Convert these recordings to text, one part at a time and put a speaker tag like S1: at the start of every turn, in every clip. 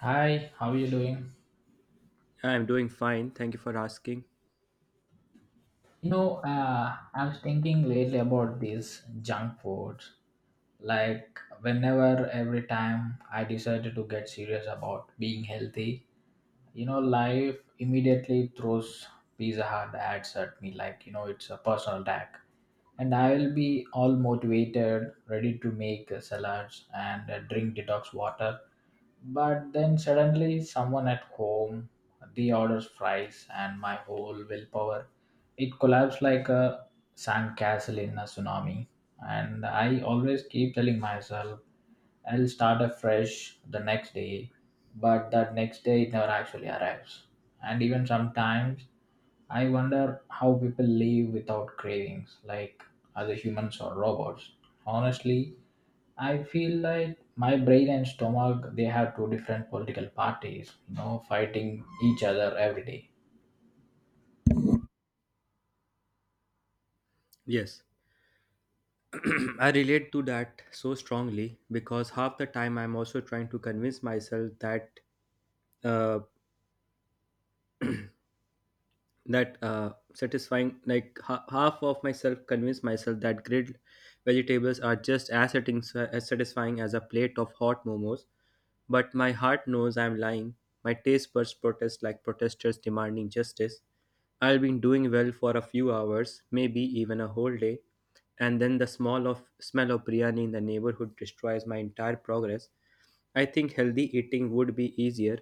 S1: Hi, how are you doing?
S2: I'm doing fine. Thank you for asking.
S1: I was thinking lately about this junk food. Every time I decided to get serious about being healthy, you know, life immediately throws Pizza Hut ads at me. Like, you know, it's a personal attack. And I will be all motivated, ready to make salads and drink detox water. But then suddenly, someone at home reorders fries, and my whole willpower it collapsed like a sandcastle in a tsunami. And I always keep telling myself I'll start afresh the next day, but that next day it never actually arrives. And even sometimes I wonder how people live without cravings, like other humans or robots. Honestly, I feel like my brain and stomach they have two different political parties, you know, fighting each other every day.
S2: Yes, I relate to that so strongly because half the time I'm also trying to convince myself that uh, satisfying like half of myself convince myself that grilled vegetables are just as, as satisfying as a plate of hot momos, but my heart knows I'm lying. My taste buds protest like protesters demanding justice. I'll be doing well for a few hours, maybe even a whole day, and then the smell of biryani in the neighborhood destroys my entire progress. I think healthy eating would be easier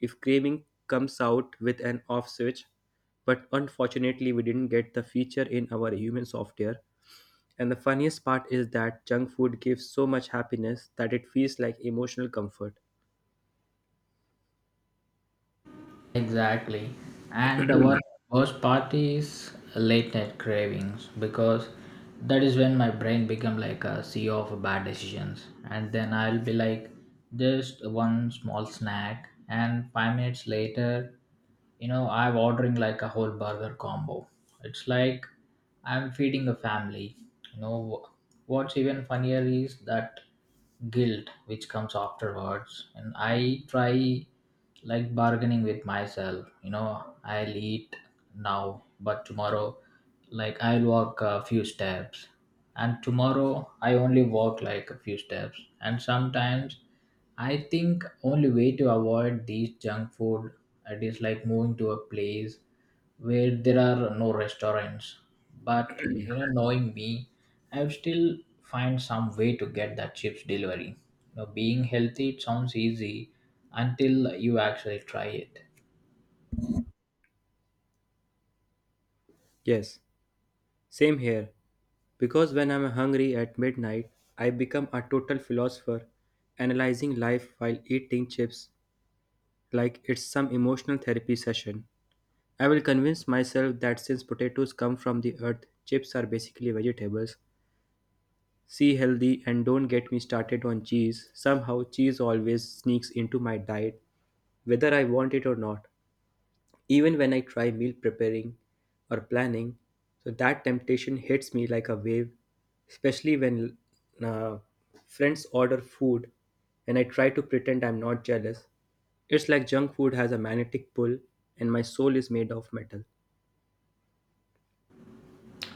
S2: if craving comes out with an off switch, but unfortunately we didn't get the feature in our human software. And the funniest part is that junk food gives so much happiness that it feels like emotional comfort.
S1: Exactly. And the worst part is late night cravings because that is when my brain become like a sea of bad decisions. And then I'll be like, just one small snack, and 5 minutes later, I'm ordering like a whole burger combo. It's like I'm feeding a family, you know. What's even funnier is that guilt which comes afterwards, and I try like bargaining with myself. You know, I'll eat now, but tomorrow, like I'll walk a few steps. And tomorrow I only walk like a few steps. And sometimes I think only way to avoid these junk food, it is like moving to a place where there are no restaurants. But you know, knowing me, I would still find some way to get that chips delivery. You know, being healthy it sounds easy until you actually try it.
S2: Yes. Same here, because when I'm hungry at midnight, I become a total philosopher, analyzing life while eating chips like it's some emotional therapy session. I will convince myself that since potatoes come from the earth, chips are basically vegetables. See healthy and don't get me started on cheese. Somehow, cheese always sneaks into my diet, whether I want it or not. Even when I try meal preparing or planning, so that temptation hits me like a wave, especially when uh, friends order food and I try to pretend I'm not jealous. It's like junk food has a magnetic pull and my soul is made of metal.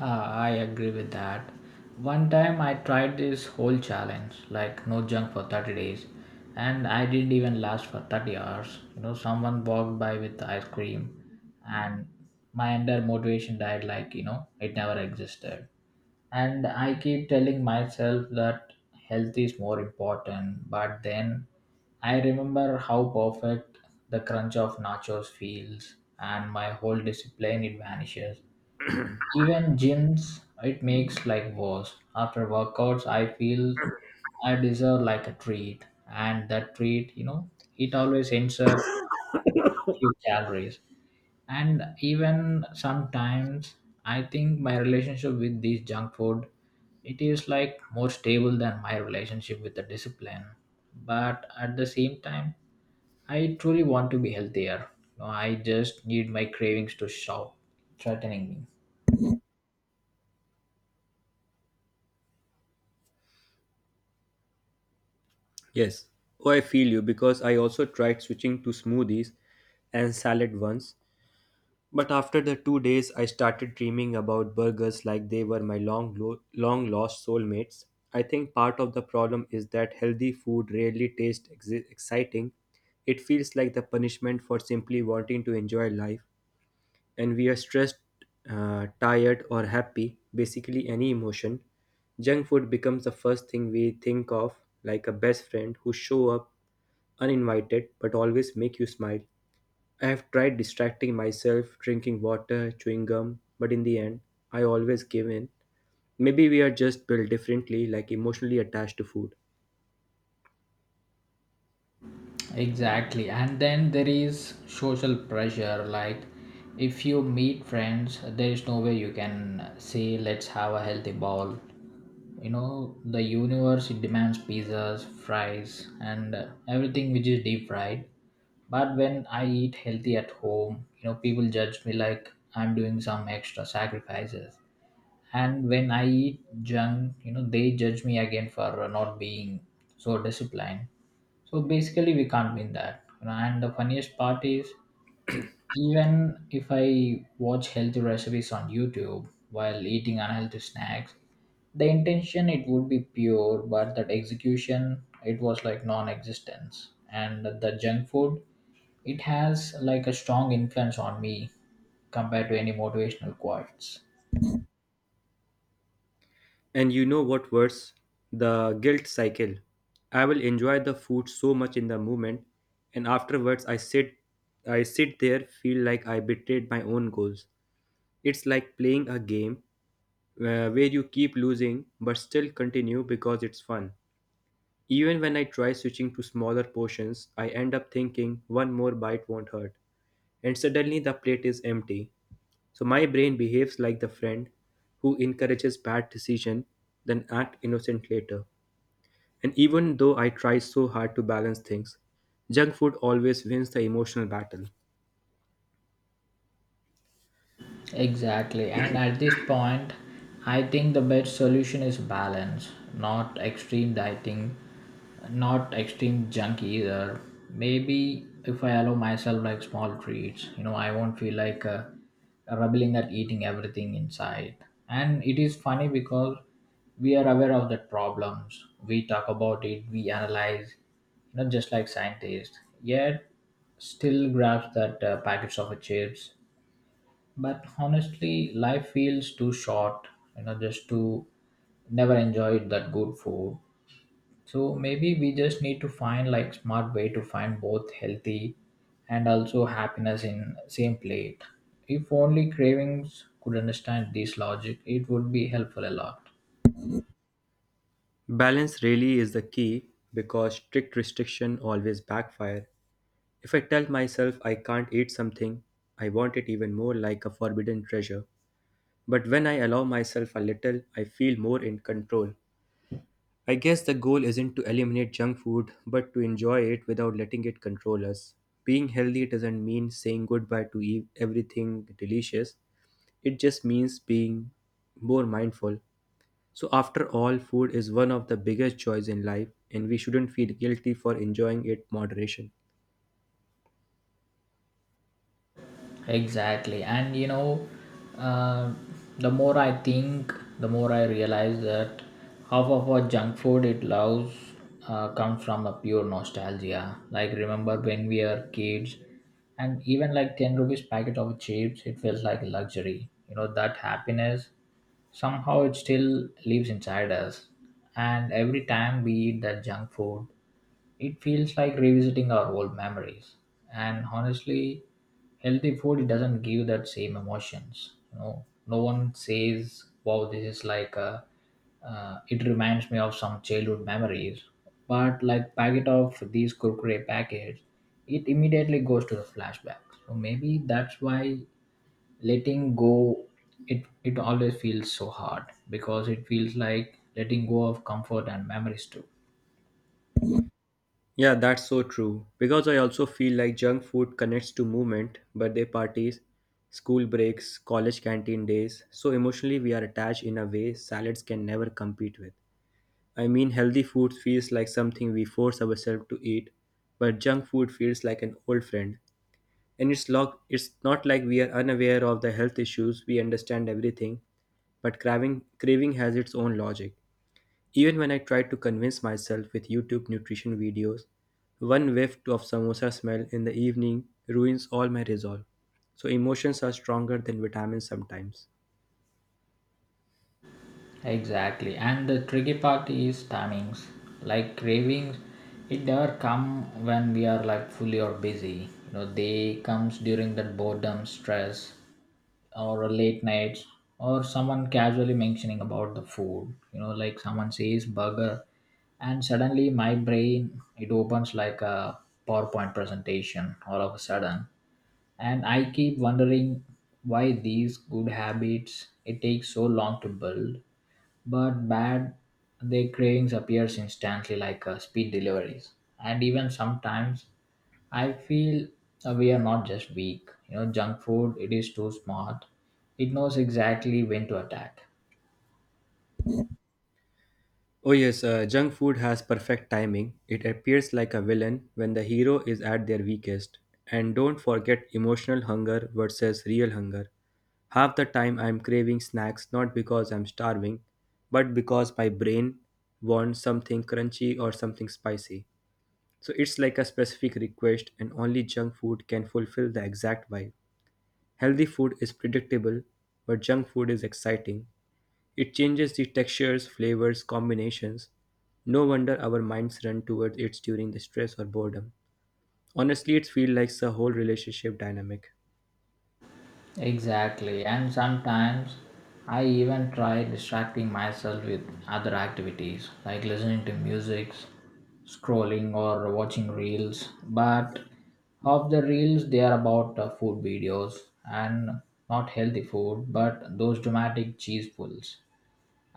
S1: Ah, I agree with that. One time I tried this whole challenge, like no junk for 30 days, and I didn't even last for 30 hours. You know, someone walked by with ice cream, and my entire motivation died like, you know, it never existed. And I keep telling myself that health is more important, but then I remember how perfect the crunch of nachos feels, and my whole discipline it vanishes. Even gyms, it makes like worse. After workouts, I feel I deserve like a treat, and that treat, you know, it always ends up few calories. And even sometimes, I think my relationship with this junk food, it is like more stable than my relationship with the discipline. But at the same time, I truly want to be healthier. No, I just need my cravings to stop threatening me.
S2: Yes. Oh, I feel you because I also tried switching to smoothies and salad once, but after the 2 days, I started dreaming about burgers like they were my long, long lost soulmates. I think part of the problem is that healthy food rarely tastes exciting. It feels like the punishment for simply wanting to enjoy life, and we are stressed, tired, or happy basically, any emotion. Junk food becomes the first thing we think of, like a best friend who show up uninvited but always make you smile. I have tried distracting myself, drinking water, chewing gum, but in the end, I always give in. Maybe we are just built differently, like emotionally attached to food.
S1: Exactly. And then there is social pressure. Like, if you meet friends, there is no way you can say, let's have a healthy ball. You know, the universe it demands pizzas, fries, and everything which is deep fried. But when I eat healthy at home, you know, people judge me like I'm doing some extra sacrifices. And when I eat junk, you know, they judge me again for not being so disciplined. So basically we can't win that, you know. And the funniest part is, even if I watch healthy recipes on YouTube while eating unhealthy snacks, the intention it would be pure, but that execution it was like non-existence. And the junk food, it has like a strong influence on me compared to any motivational quotes.
S2: And you know what worse? The guilt cycle. I will enjoy the food so much in the moment, and afterwards I sit there feel like I betrayed my own goals. It's like playing a game where you keep losing but still continue because it's fun. Even when I try switching to smaller portions, I end up thinking one more bite won't hurt, and suddenly the plate is empty. So my brain behaves like the friend who encourages bad decision, then act innocent later. And even though I try so hard to balance things, junk food always wins the emotional battle.
S1: Exactly, and at this point, I think the best solution is balance, not extreme dieting, not extreme junk either. Maybe if I allow myself like small treats, you know, I won't feel like rebelling at eating everything inside. And it is funny because we are aware of the problems, we talk about it, we analyze, you know, just like scientists, yet still grabs that packets of chips. But honestly life feels too short, you know, just to never enjoy that good food. So maybe we just need to find like smart way to find both healthy and also happiness in same plate. If only cravings could understand this logic, it would be helpful a lot.
S2: Balance really is the key because strict restriction always backfire. If I tell myself I can't eat something, I want it even more like a forbidden treasure. But when I allow myself a little, I feel more in control. I guess the goal isn't to eliminate junk food, but to enjoy it without letting it control us. Being healthy doesn't mean saying goodbye to everything delicious, it just means being more mindful. So, after all, food is one of the biggest joys in life, and we shouldn't feel guilty for enjoying it moderation.
S1: Exactly. And you know, uh, the more I think, the more I realize that half of our junk food it loves, comes from a pure nostalgia. Like remember when we were kids, and even like 10 rupees packet of chips, it feels like luxury. You know that happiness somehow it still lives inside us. And every time we eat that junk food, it feels like revisiting our old memories. And honestly, healthy food it doesn't give that same emotions. You know, no one says, "Wow, this is like a." It reminds me of some childhood memories. But like packet of these Kurkure packets, it immediately goes to the flashback. So maybe that's why letting go, it always feels so hard because it feels like letting go of comfort and memories too.
S2: Yeah, that's so true. Because I also feel like junk food connects to movement, birthday parties, school breaks, college canteen days. So emotionally, we are attached in a way salads can never compete with. I mean, healthy food feels like something we force ourselves to eat, but junk food feels like an old friend. And it's not like we are unaware of the health issues, we understand everything, but craving, craving has its own logic. Even when I tried to convince myself with YouTube nutrition videos, one whiff of samosa smell in the evening ruins all my resolve. So emotions are stronger than vitamins sometimes.
S1: Exactly. And the tricky part is timings. Like cravings, it never come when we are like fully or busy. You know, they comes during that boredom, stress, or a late nights, or someone casually mentioning about the food. You know, like someone says burger, and suddenly my brain it opens like a PowerPoint presentation all of a sudden. And I keep wondering why these good habits it takes so long to build, but bad, their cravings appears instantly like speed deliveries. And even sometimes I feel we are not just weak, you know, junk food it is too smart. It knows exactly when to attack.
S2: Oh yes, junk food has perfect timing. It appears like a villain when the hero is at their weakest. And don't forget emotional hunger versus real hunger. Half the time I'm craving snacks not because I'm starving, but because my brain wants something crunchy or something spicy. So it's like a specific request, and only junk food can fulfill the exact vibe. Healthy food is predictable, but junk food is exciting. It changes the textures, flavors, combinations. No wonder our minds run towards it during the stress or boredom. Honestly, it feels like a whole relationship dynamic.
S1: Exactly, and sometimes I even try distracting myself with other activities like listening to music, scrolling, or watching reels. But half the reels they are about food videos, and not healthy food, but those dramatic cheese pulls.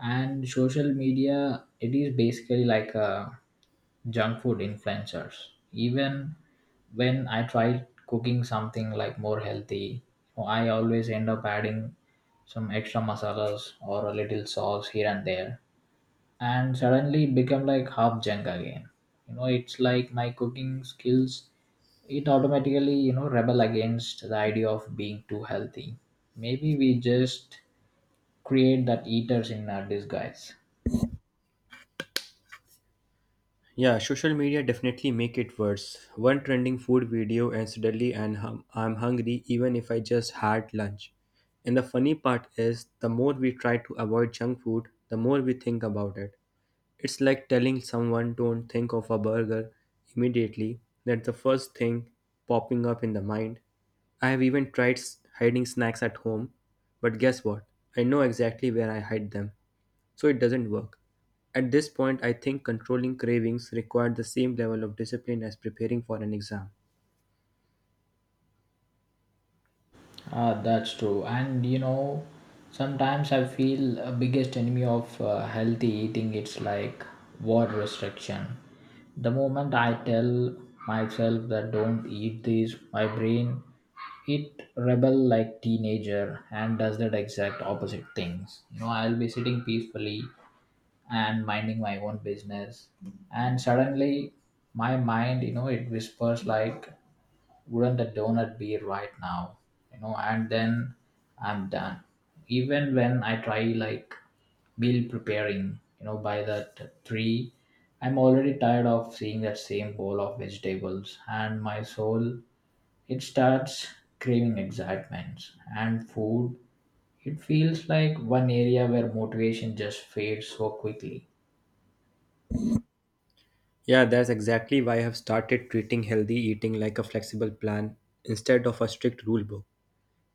S1: And social media, it is basically like a junk food influencers. Even when I try cooking something like more healthy, I always end up adding some extra masalas or a little sauce here and there, and suddenly it become like half junk again. You know, it's like my cooking skills. It automatically, you know, rebel against the idea of being too healthy. Maybe we just create that eaters in our disguise.
S2: Yeah, social media definitely make it worse. One trending food video and I'm hungry even if I just had lunch. And the funny part is the more we try to avoid junk food, the more we think about it. It's like telling someone don't think of a burger immediately. That's the first thing popping up in the mind. I have even tried hiding snacks at home, but guess what? I know exactly where I hide them so it doesn't work. At this point, I think controlling cravings required the same level of discipline as preparing for an exam.
S1: Ah, that's true. And you know, sometimes I feel a biggest enemy of healthy eating it's like word restriction. The moment I tell myself that don't eat this, my brain it rebel like teenager and does that exact opposite things. You know, I'll be sitting peacefully and minding my own business, and suddenly my mind, you know, it whispers like wouldn't the donut be right now. You know, and then I'm done. Even when I try like meal preparing, you know, by the three, I'm already tired of seeing that same bowl of vegetables, and my soul it starts craving excitement. And food, it feels like one area where motivation just fades so quickly.
S2: Yeah, that's exactly why I have started treating healthy eating like a flexible plan instead of a strict rule book.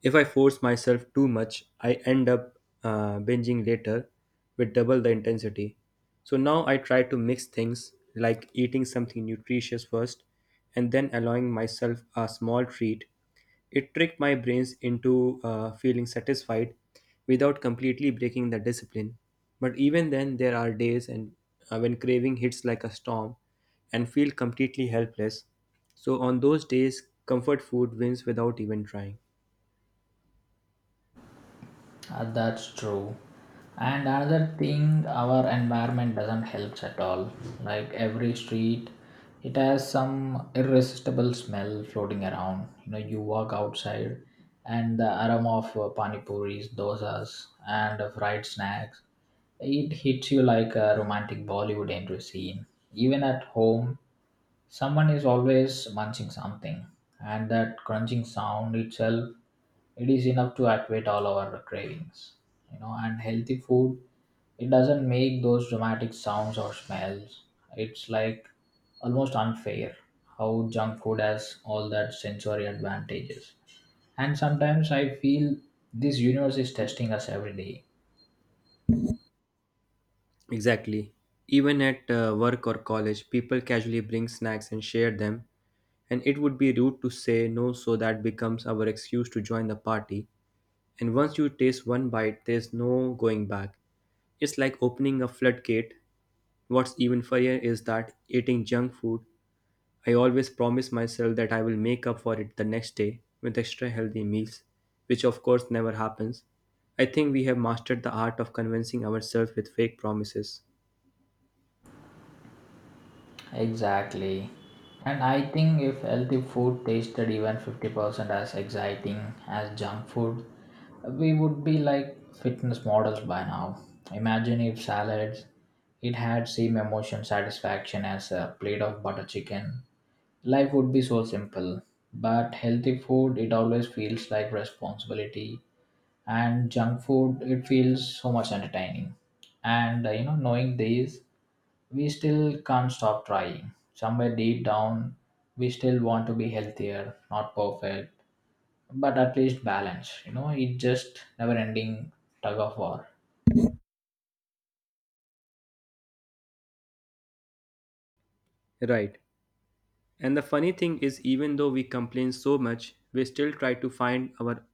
S2: If I force myself too much, I end up binging later with double the intensity. So now I try to mix things like eating something nutritious first and then allowing myself a small treat. It tricked my brains into feeling satisfied without completely breaking the discipline. But even then, there are days and when craving hits like a storm and feel completely helpless. So on those days, comfort food wins without even trying.
S1: That's true. And another thing, our environment doesn't help at all. Like every street, it has some irresistible smell floating around. You know, you walk outside, and the aroma of pani puris, dosas, and fried snacks, it hits you like a romantic Bollywood entry scene. Even at home, someone is always munching something, and that crunching sound itself it is enough to activate all our cravings. You know, and healthy food it doesn't make those dramatic sounds or smells. It's like almost unfair how junk food has all that sensory advantages. And sometimes I feel this universe is testing us every day.
S2: Exactly. Even at work or college, people casually bring snacks and share them, and it would be rude to say no, so that becomes our excuse to join the party. And once you taste one bite, there's no going back. It's like opening a floodgate. What's even funnier is that eating junk food, I always promise myself that I will make up for it the next day with extra healthy meals, which of course never happens. I think we have mastered the art of convincing ourselves with fake promises.
S1: Exactly. And I think if healthy food tasted even 50% as exciting as junk food, we would be like fitness models by now. Imagine if salads, it had same emotion satisfaction as a plate of butter chicken. Life would be so simple. But healthy food, it always feels like responsibility. And junk food, it feels so much entertaining. And you know, knowing these we still can't stop trying. Somewhere deep down, we still want to be healthier, not perfect, but at least balanced. You know, it's just never ending tug of war.
S2: Right. And the funny thing is, even though we complain so much, we still try to find our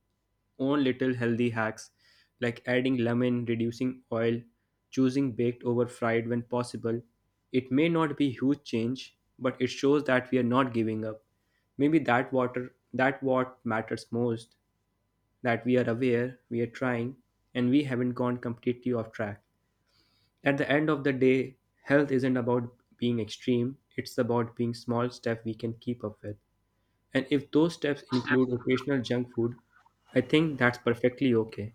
S2: own little healthy hacks like adding lemon, reducing oil, choosing baked over fried when possible. It may not be huge change, but it shows that we are not giving up. Maybe that water that what matters most, that we are aware, we are trying, and we haven't gone completely off track. At the end of the day, health isn't about being extreme, it's about being small steps we can keep up with. And if those steps include occasional junk food, I think that's perfectly okay.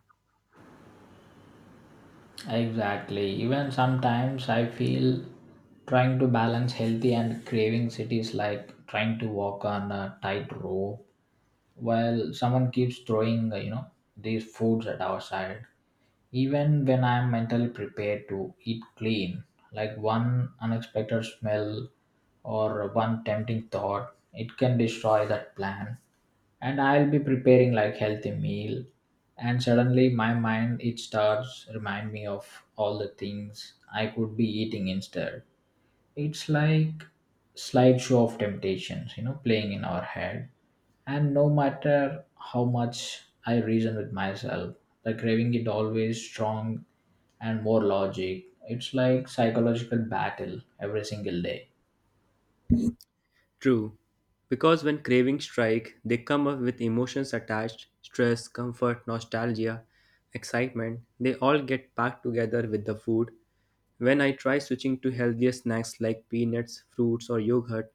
S1: Exactly. Even sometimes I feel trying to balance healthy and cravings it is like trying to walk on a tight rope while someone keeps throwing you know, these foods at our side. Even when I'm mentally prepared to eat clean, like one unexpected smell or one tempting thought, it can destroy that plan. And I'll be preparing like healthy meal, and suddenly my mind it starts remind me of all the things I could be eating instead. It's like slideshow of temptations, you know, playing in our head. And no matter how much I reason with myself, the craving is always strong and more logic. It's like psychological battle every single day.
S2: True, because when cravings strike, they come up with emotions attached stress, comfort, nostalgia, excitement. They all get packed together with the food. When I try switching to healthier snacks like peanuts, fruits, or yogurt,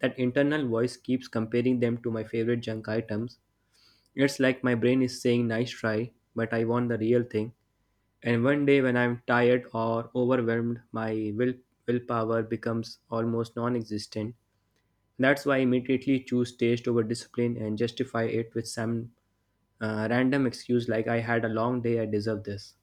S2: that internal voice keeps comparing them to my favorite junk items. It's like my brain is saying, Nice try, but I want the real thing. And one day when I'm tired or overwhelmed, my willpower becomes almost non existent. That's why I immediately choose taste over discipline and justify it with some random excuse like I had a long day, I deserve this.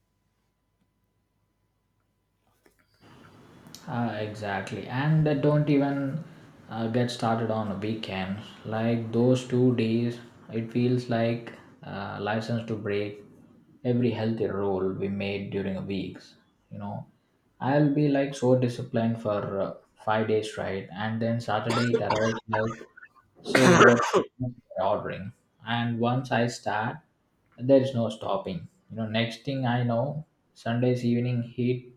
S1: Exactly, and they don't even get started on weekends. Like those 2 days, it feels like license to break every healthy rule we made during weeks. You know, I'll be like so disciplined for 5 days, right, and then Saturday it arrives like so what we're ordering, and once I start, there is no stopping. You know, next thing I know, Sunday's evening heat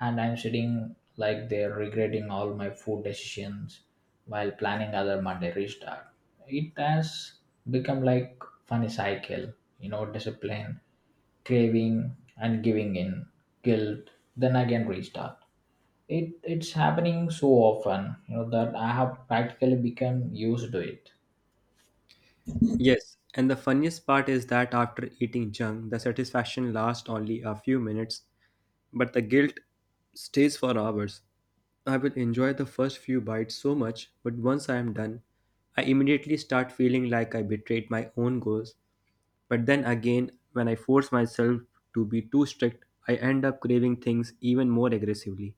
S1: and I'm sitting like they're regretting all my food decisions while planning other Monday restart. It has become like funny cycle, you know, discipline, craving, and giving in, guilt, then again restart. It's happening so often, you know, that I have practically become used to it.
S2: Yes, and the funniest part is that after eating junk, the satisfaction lasts only a few minutes, but the guilt stays for hours. I will enjoy the first few bites so much, but once I am done, I immediately start feeling like I betrayed my own goals. But then again, when I force myself to be too strict, I end up craving things even more aggressively.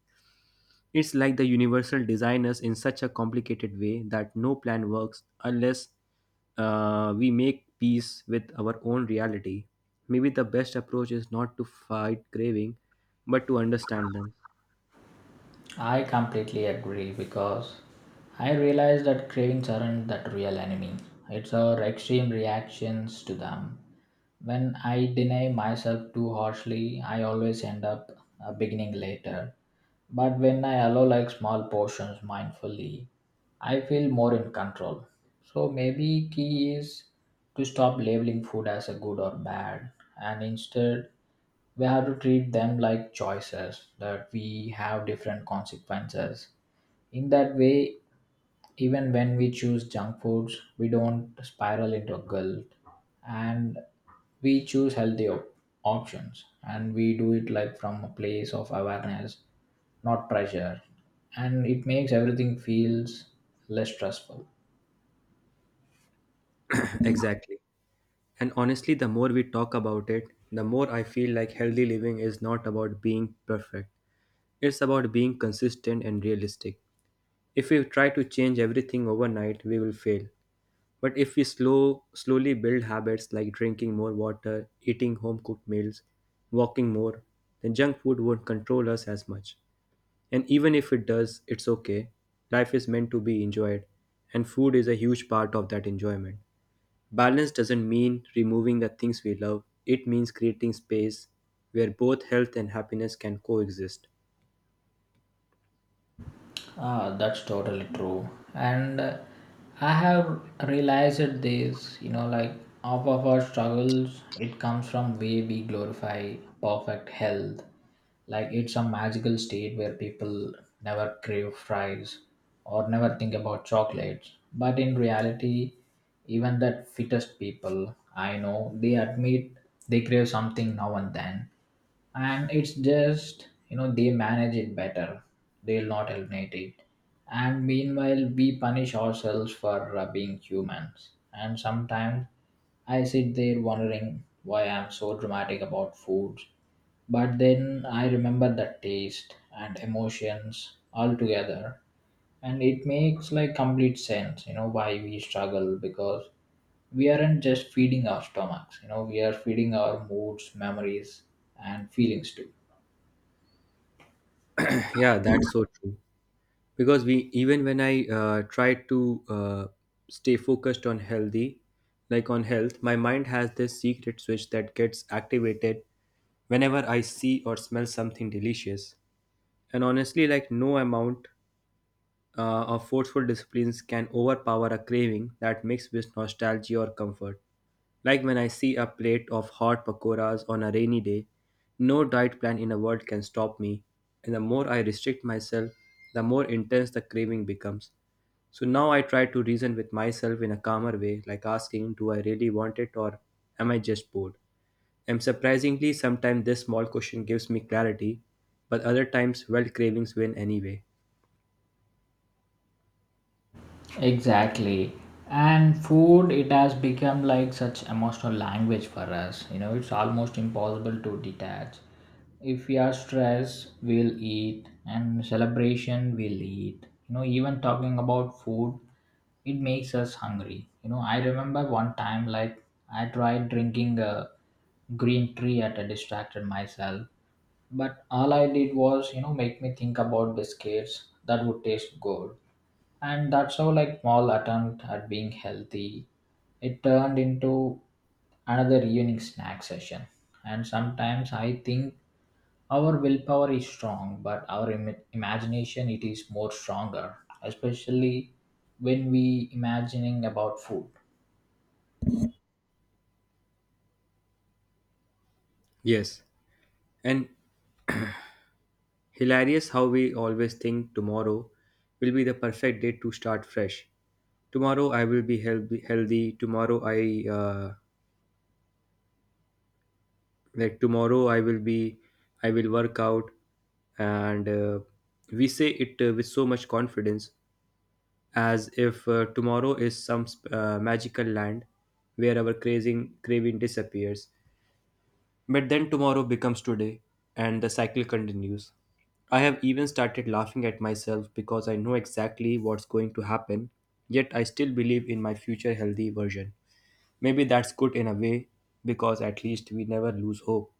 S2: It's like the universal designers in such a complicated way that no plan works unless we make peace with our own reality. Maybe the best approach is not to fight craving, but to understand them.
S1: I completely agree because I realize that cravings aren't that real enemy. It's our extreme reactions to them. When I deny myself too harshly, I always end up beginning later. But when I allow like small portions mindfully, I feel more in control. So maybe key is to stop labeling food as a good or bad, and instead we have to treat them like choices that we have different consequences. In that way, even when we choose junk foods we don't spiral into guilt, and we choose healthy options, and we do it like from a place of awareness, not pressure, and it makes everything feels less stressful.
S2: Exactly. And honestly, the more we talk about it, the more I feel like healthy living is not about being perfect. It's about being consistent and realistic. If we try to change everything overnight, we will fail. But if we slowly build habits like drinking more water, eating home cooked meals, walking more, then junk food won't control us as much. And even if it does, it's okay. Life is meant to be enjoyed, and food is a huge part of that enjoyment. Balance doesn't mean removing the things we love. It means creating space where both health and happiness can coexist.
S1: Ah, that's totally true. And I have realized this, you know, like half of our struggles, it comes from way we glorify perfect health. Like it's a magical state where people never crave fries or never think about chocolates. But in reality, even that fittest people I know, they admit they crave something now and then, and it's just, you know, they manage it better, they'll not eliminate it. And meanwhile we punish ourselves for being humans, and sometimes I sit there wondering why I'm so dramatic about foods, but then I remember the taste and emotions all together, and it makes like complete sense, you know, why we struggle, because we aren't just feeding our stomachs, you know, we are feeding our moods, memories, and feelings too.
S2: Yeah, that's so true. Because we even when I try to stay focused on healthy like on health my mind has this secret switch that gets activated whenever I see or smell something delicious and honestly like no amount of forceful disciplines can overpower a craving that mixed with nostalgia or comfort. Like when I see a plate of hot pakoras on a rainy day, no diet plan in the world can stop me, and the more I restrict myself, the more intense the craving becomes. So now I try to reason with myself in a calmer way, like asking, Do I really want it or am I just bored? And surprisingly, sometimes this small question gives me clarity, but other times, well, cravings win anyway.
S1: Exactly. And food, it has become like such emotional language for us. You know, it's almost impossible to detach. If we are stressed, we'll eat, and celebration, we'll eat. You know, even talking about food, it makes us hungry. You know, I remember one time, like, I tried drinking a green tea at a distracted myself, but all I did was, you know, make me think about biscuits that would taste good. And that's how like small attempt at being healthy, it turned into another evening snack session. And sometimes I think our willpower is strong, but our imagination it is more stronger, especially when we imagining about food.
S2: Yes. And Hilarious how we always think tomorrow will be the perfect day to start fresh. Tomorrow I will be healthy. Healthy. Tomorrow I like tomorrow I will be I will work out, and we say it with so much confidence as if tomorrow is some magical land where our craving disappears. But then tomorrow becomes today, and the cycle continues. I have even started laughing at myself because I know exactly what's going to happen, yet I still believe in my future healthy version. Maybe that's good in a way, because at least we never lose hope.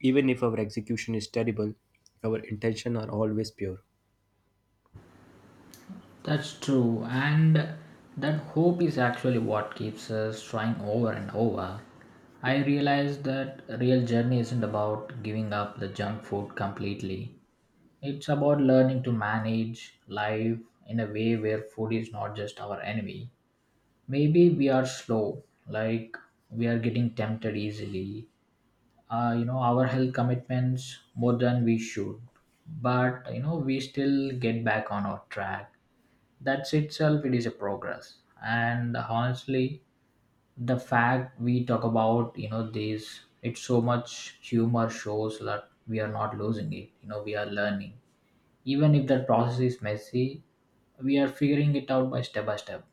S2: Even if our execution is terrible, our intentions are always pure.
S1: That's true, and that hope is actually what keeps us trying over and over. I realize that real journey isn't about giving up the junk food completely. It's about learning to manage life in a way where food is not just our enemy. Maybe we are slow, like we are getting tempted easily. You know, our health commitments more than we should. But, you know, we still get back on our track. That's itself, it is a progress. And honestly, the fact we talk about, you know, these, it's so much humor shows that we are not losing it, you know, we are learning, even if that process is messy, we are figuring it out by step by step.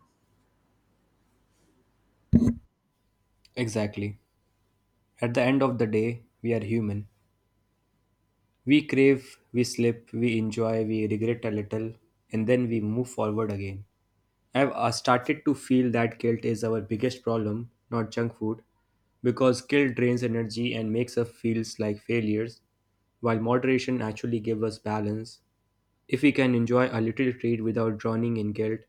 S2: Exactly. At the end of the day, we are human. We crave, we slip, we enjoy, we regret a little, and then we move forward again. I've started to feel that guilt is our biggest problem, not junk food, because guilt drains energy and makes us feel like failures, while moderation actually gives us balance. If we can enjoy a little treat without drowning in guilt,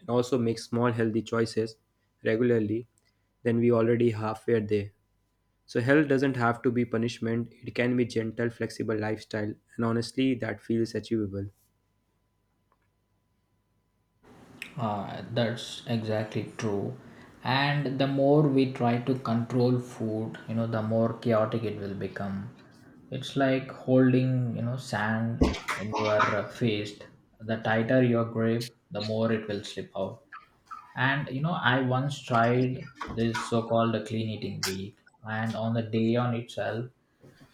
S2: and also make small healthy choices regularly, then we already halfway there. So health doesn't have to be punishment. It can be gentle, flexible lifestyle, and honestly, that feels achievable.
S1: That's exactly true. And the more we try to control food, you know, the more chaotic it will become. It's like holding, you know, sand in your fist. The tighter your grip, the more it will slip out. And, you know, I once tried this so called clean eating week, and on the day on itself,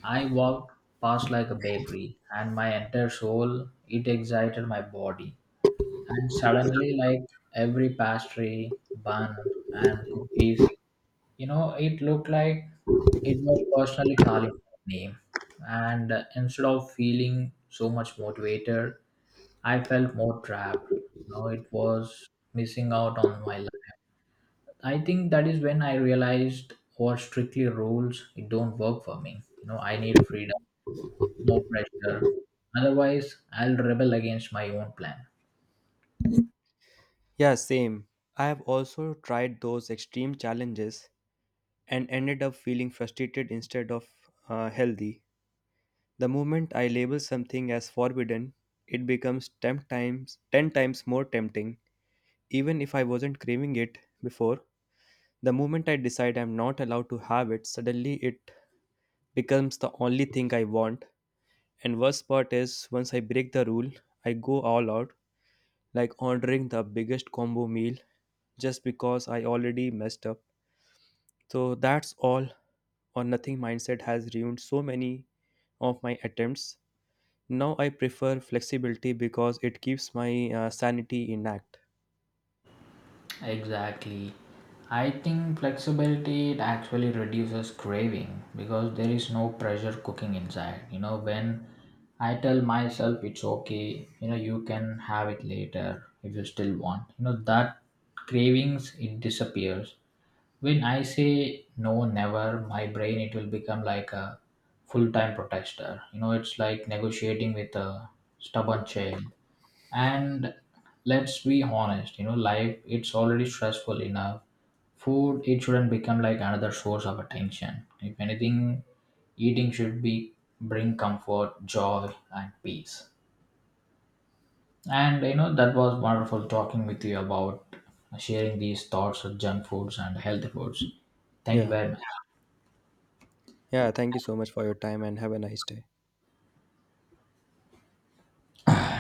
S1: I walked past like a bakery, and my entire soul it excited my body. And suddenly, like, every pastry, bun, and cookies, you know, it looked like it was personally calling my name. And instead of feeling so much motivated, I felt more trapped. You know, it was missing out on my life. I think that is when I realized what strictly rules it don't work for me. You know, I need freedom, no pressure. Otherwise, I'll rebel against my own plan.
S2: Yeah, same. I have also tried those extreme challenges and ended up feeling frustrated instead of healthy. The moment I label something as forbidden, it becomes 10 times more tempting even if I wasn't craving it before. The moment I decide I'm not allowed to have it, suddenly it becomes the only thing I want. And worst part is, once I break the rule, I go all out, like ordering the biggest combo meal just because I already messed up. So that's all or nothing mindset has ruined so many of my attempts. Now I prefer flexibility because it keeps my sanity intact.
S1: Exactly. I think flexibility it actually reduces craving because there is no pressure cooking inside. You know, when I tell myself it's okay, you know, you can have it later if you still want. You know, that cravings it disappears. When I say no, never, my brain it will become like a full time protester. You know, it's like negotiating with a stubborn child. And let's be honest, you know, life it's already stressful enough, food it shouldn't become like another source of attention. If anything, eating should be bring comfort, joy, and peace. And you know that was wonderful talking with you about sharing these thoughts of junk foods and healthy foods. Thank you
S2: Yeah.
S1: very much.
S2: Yeah. Thank you so much for your time and have a nice day.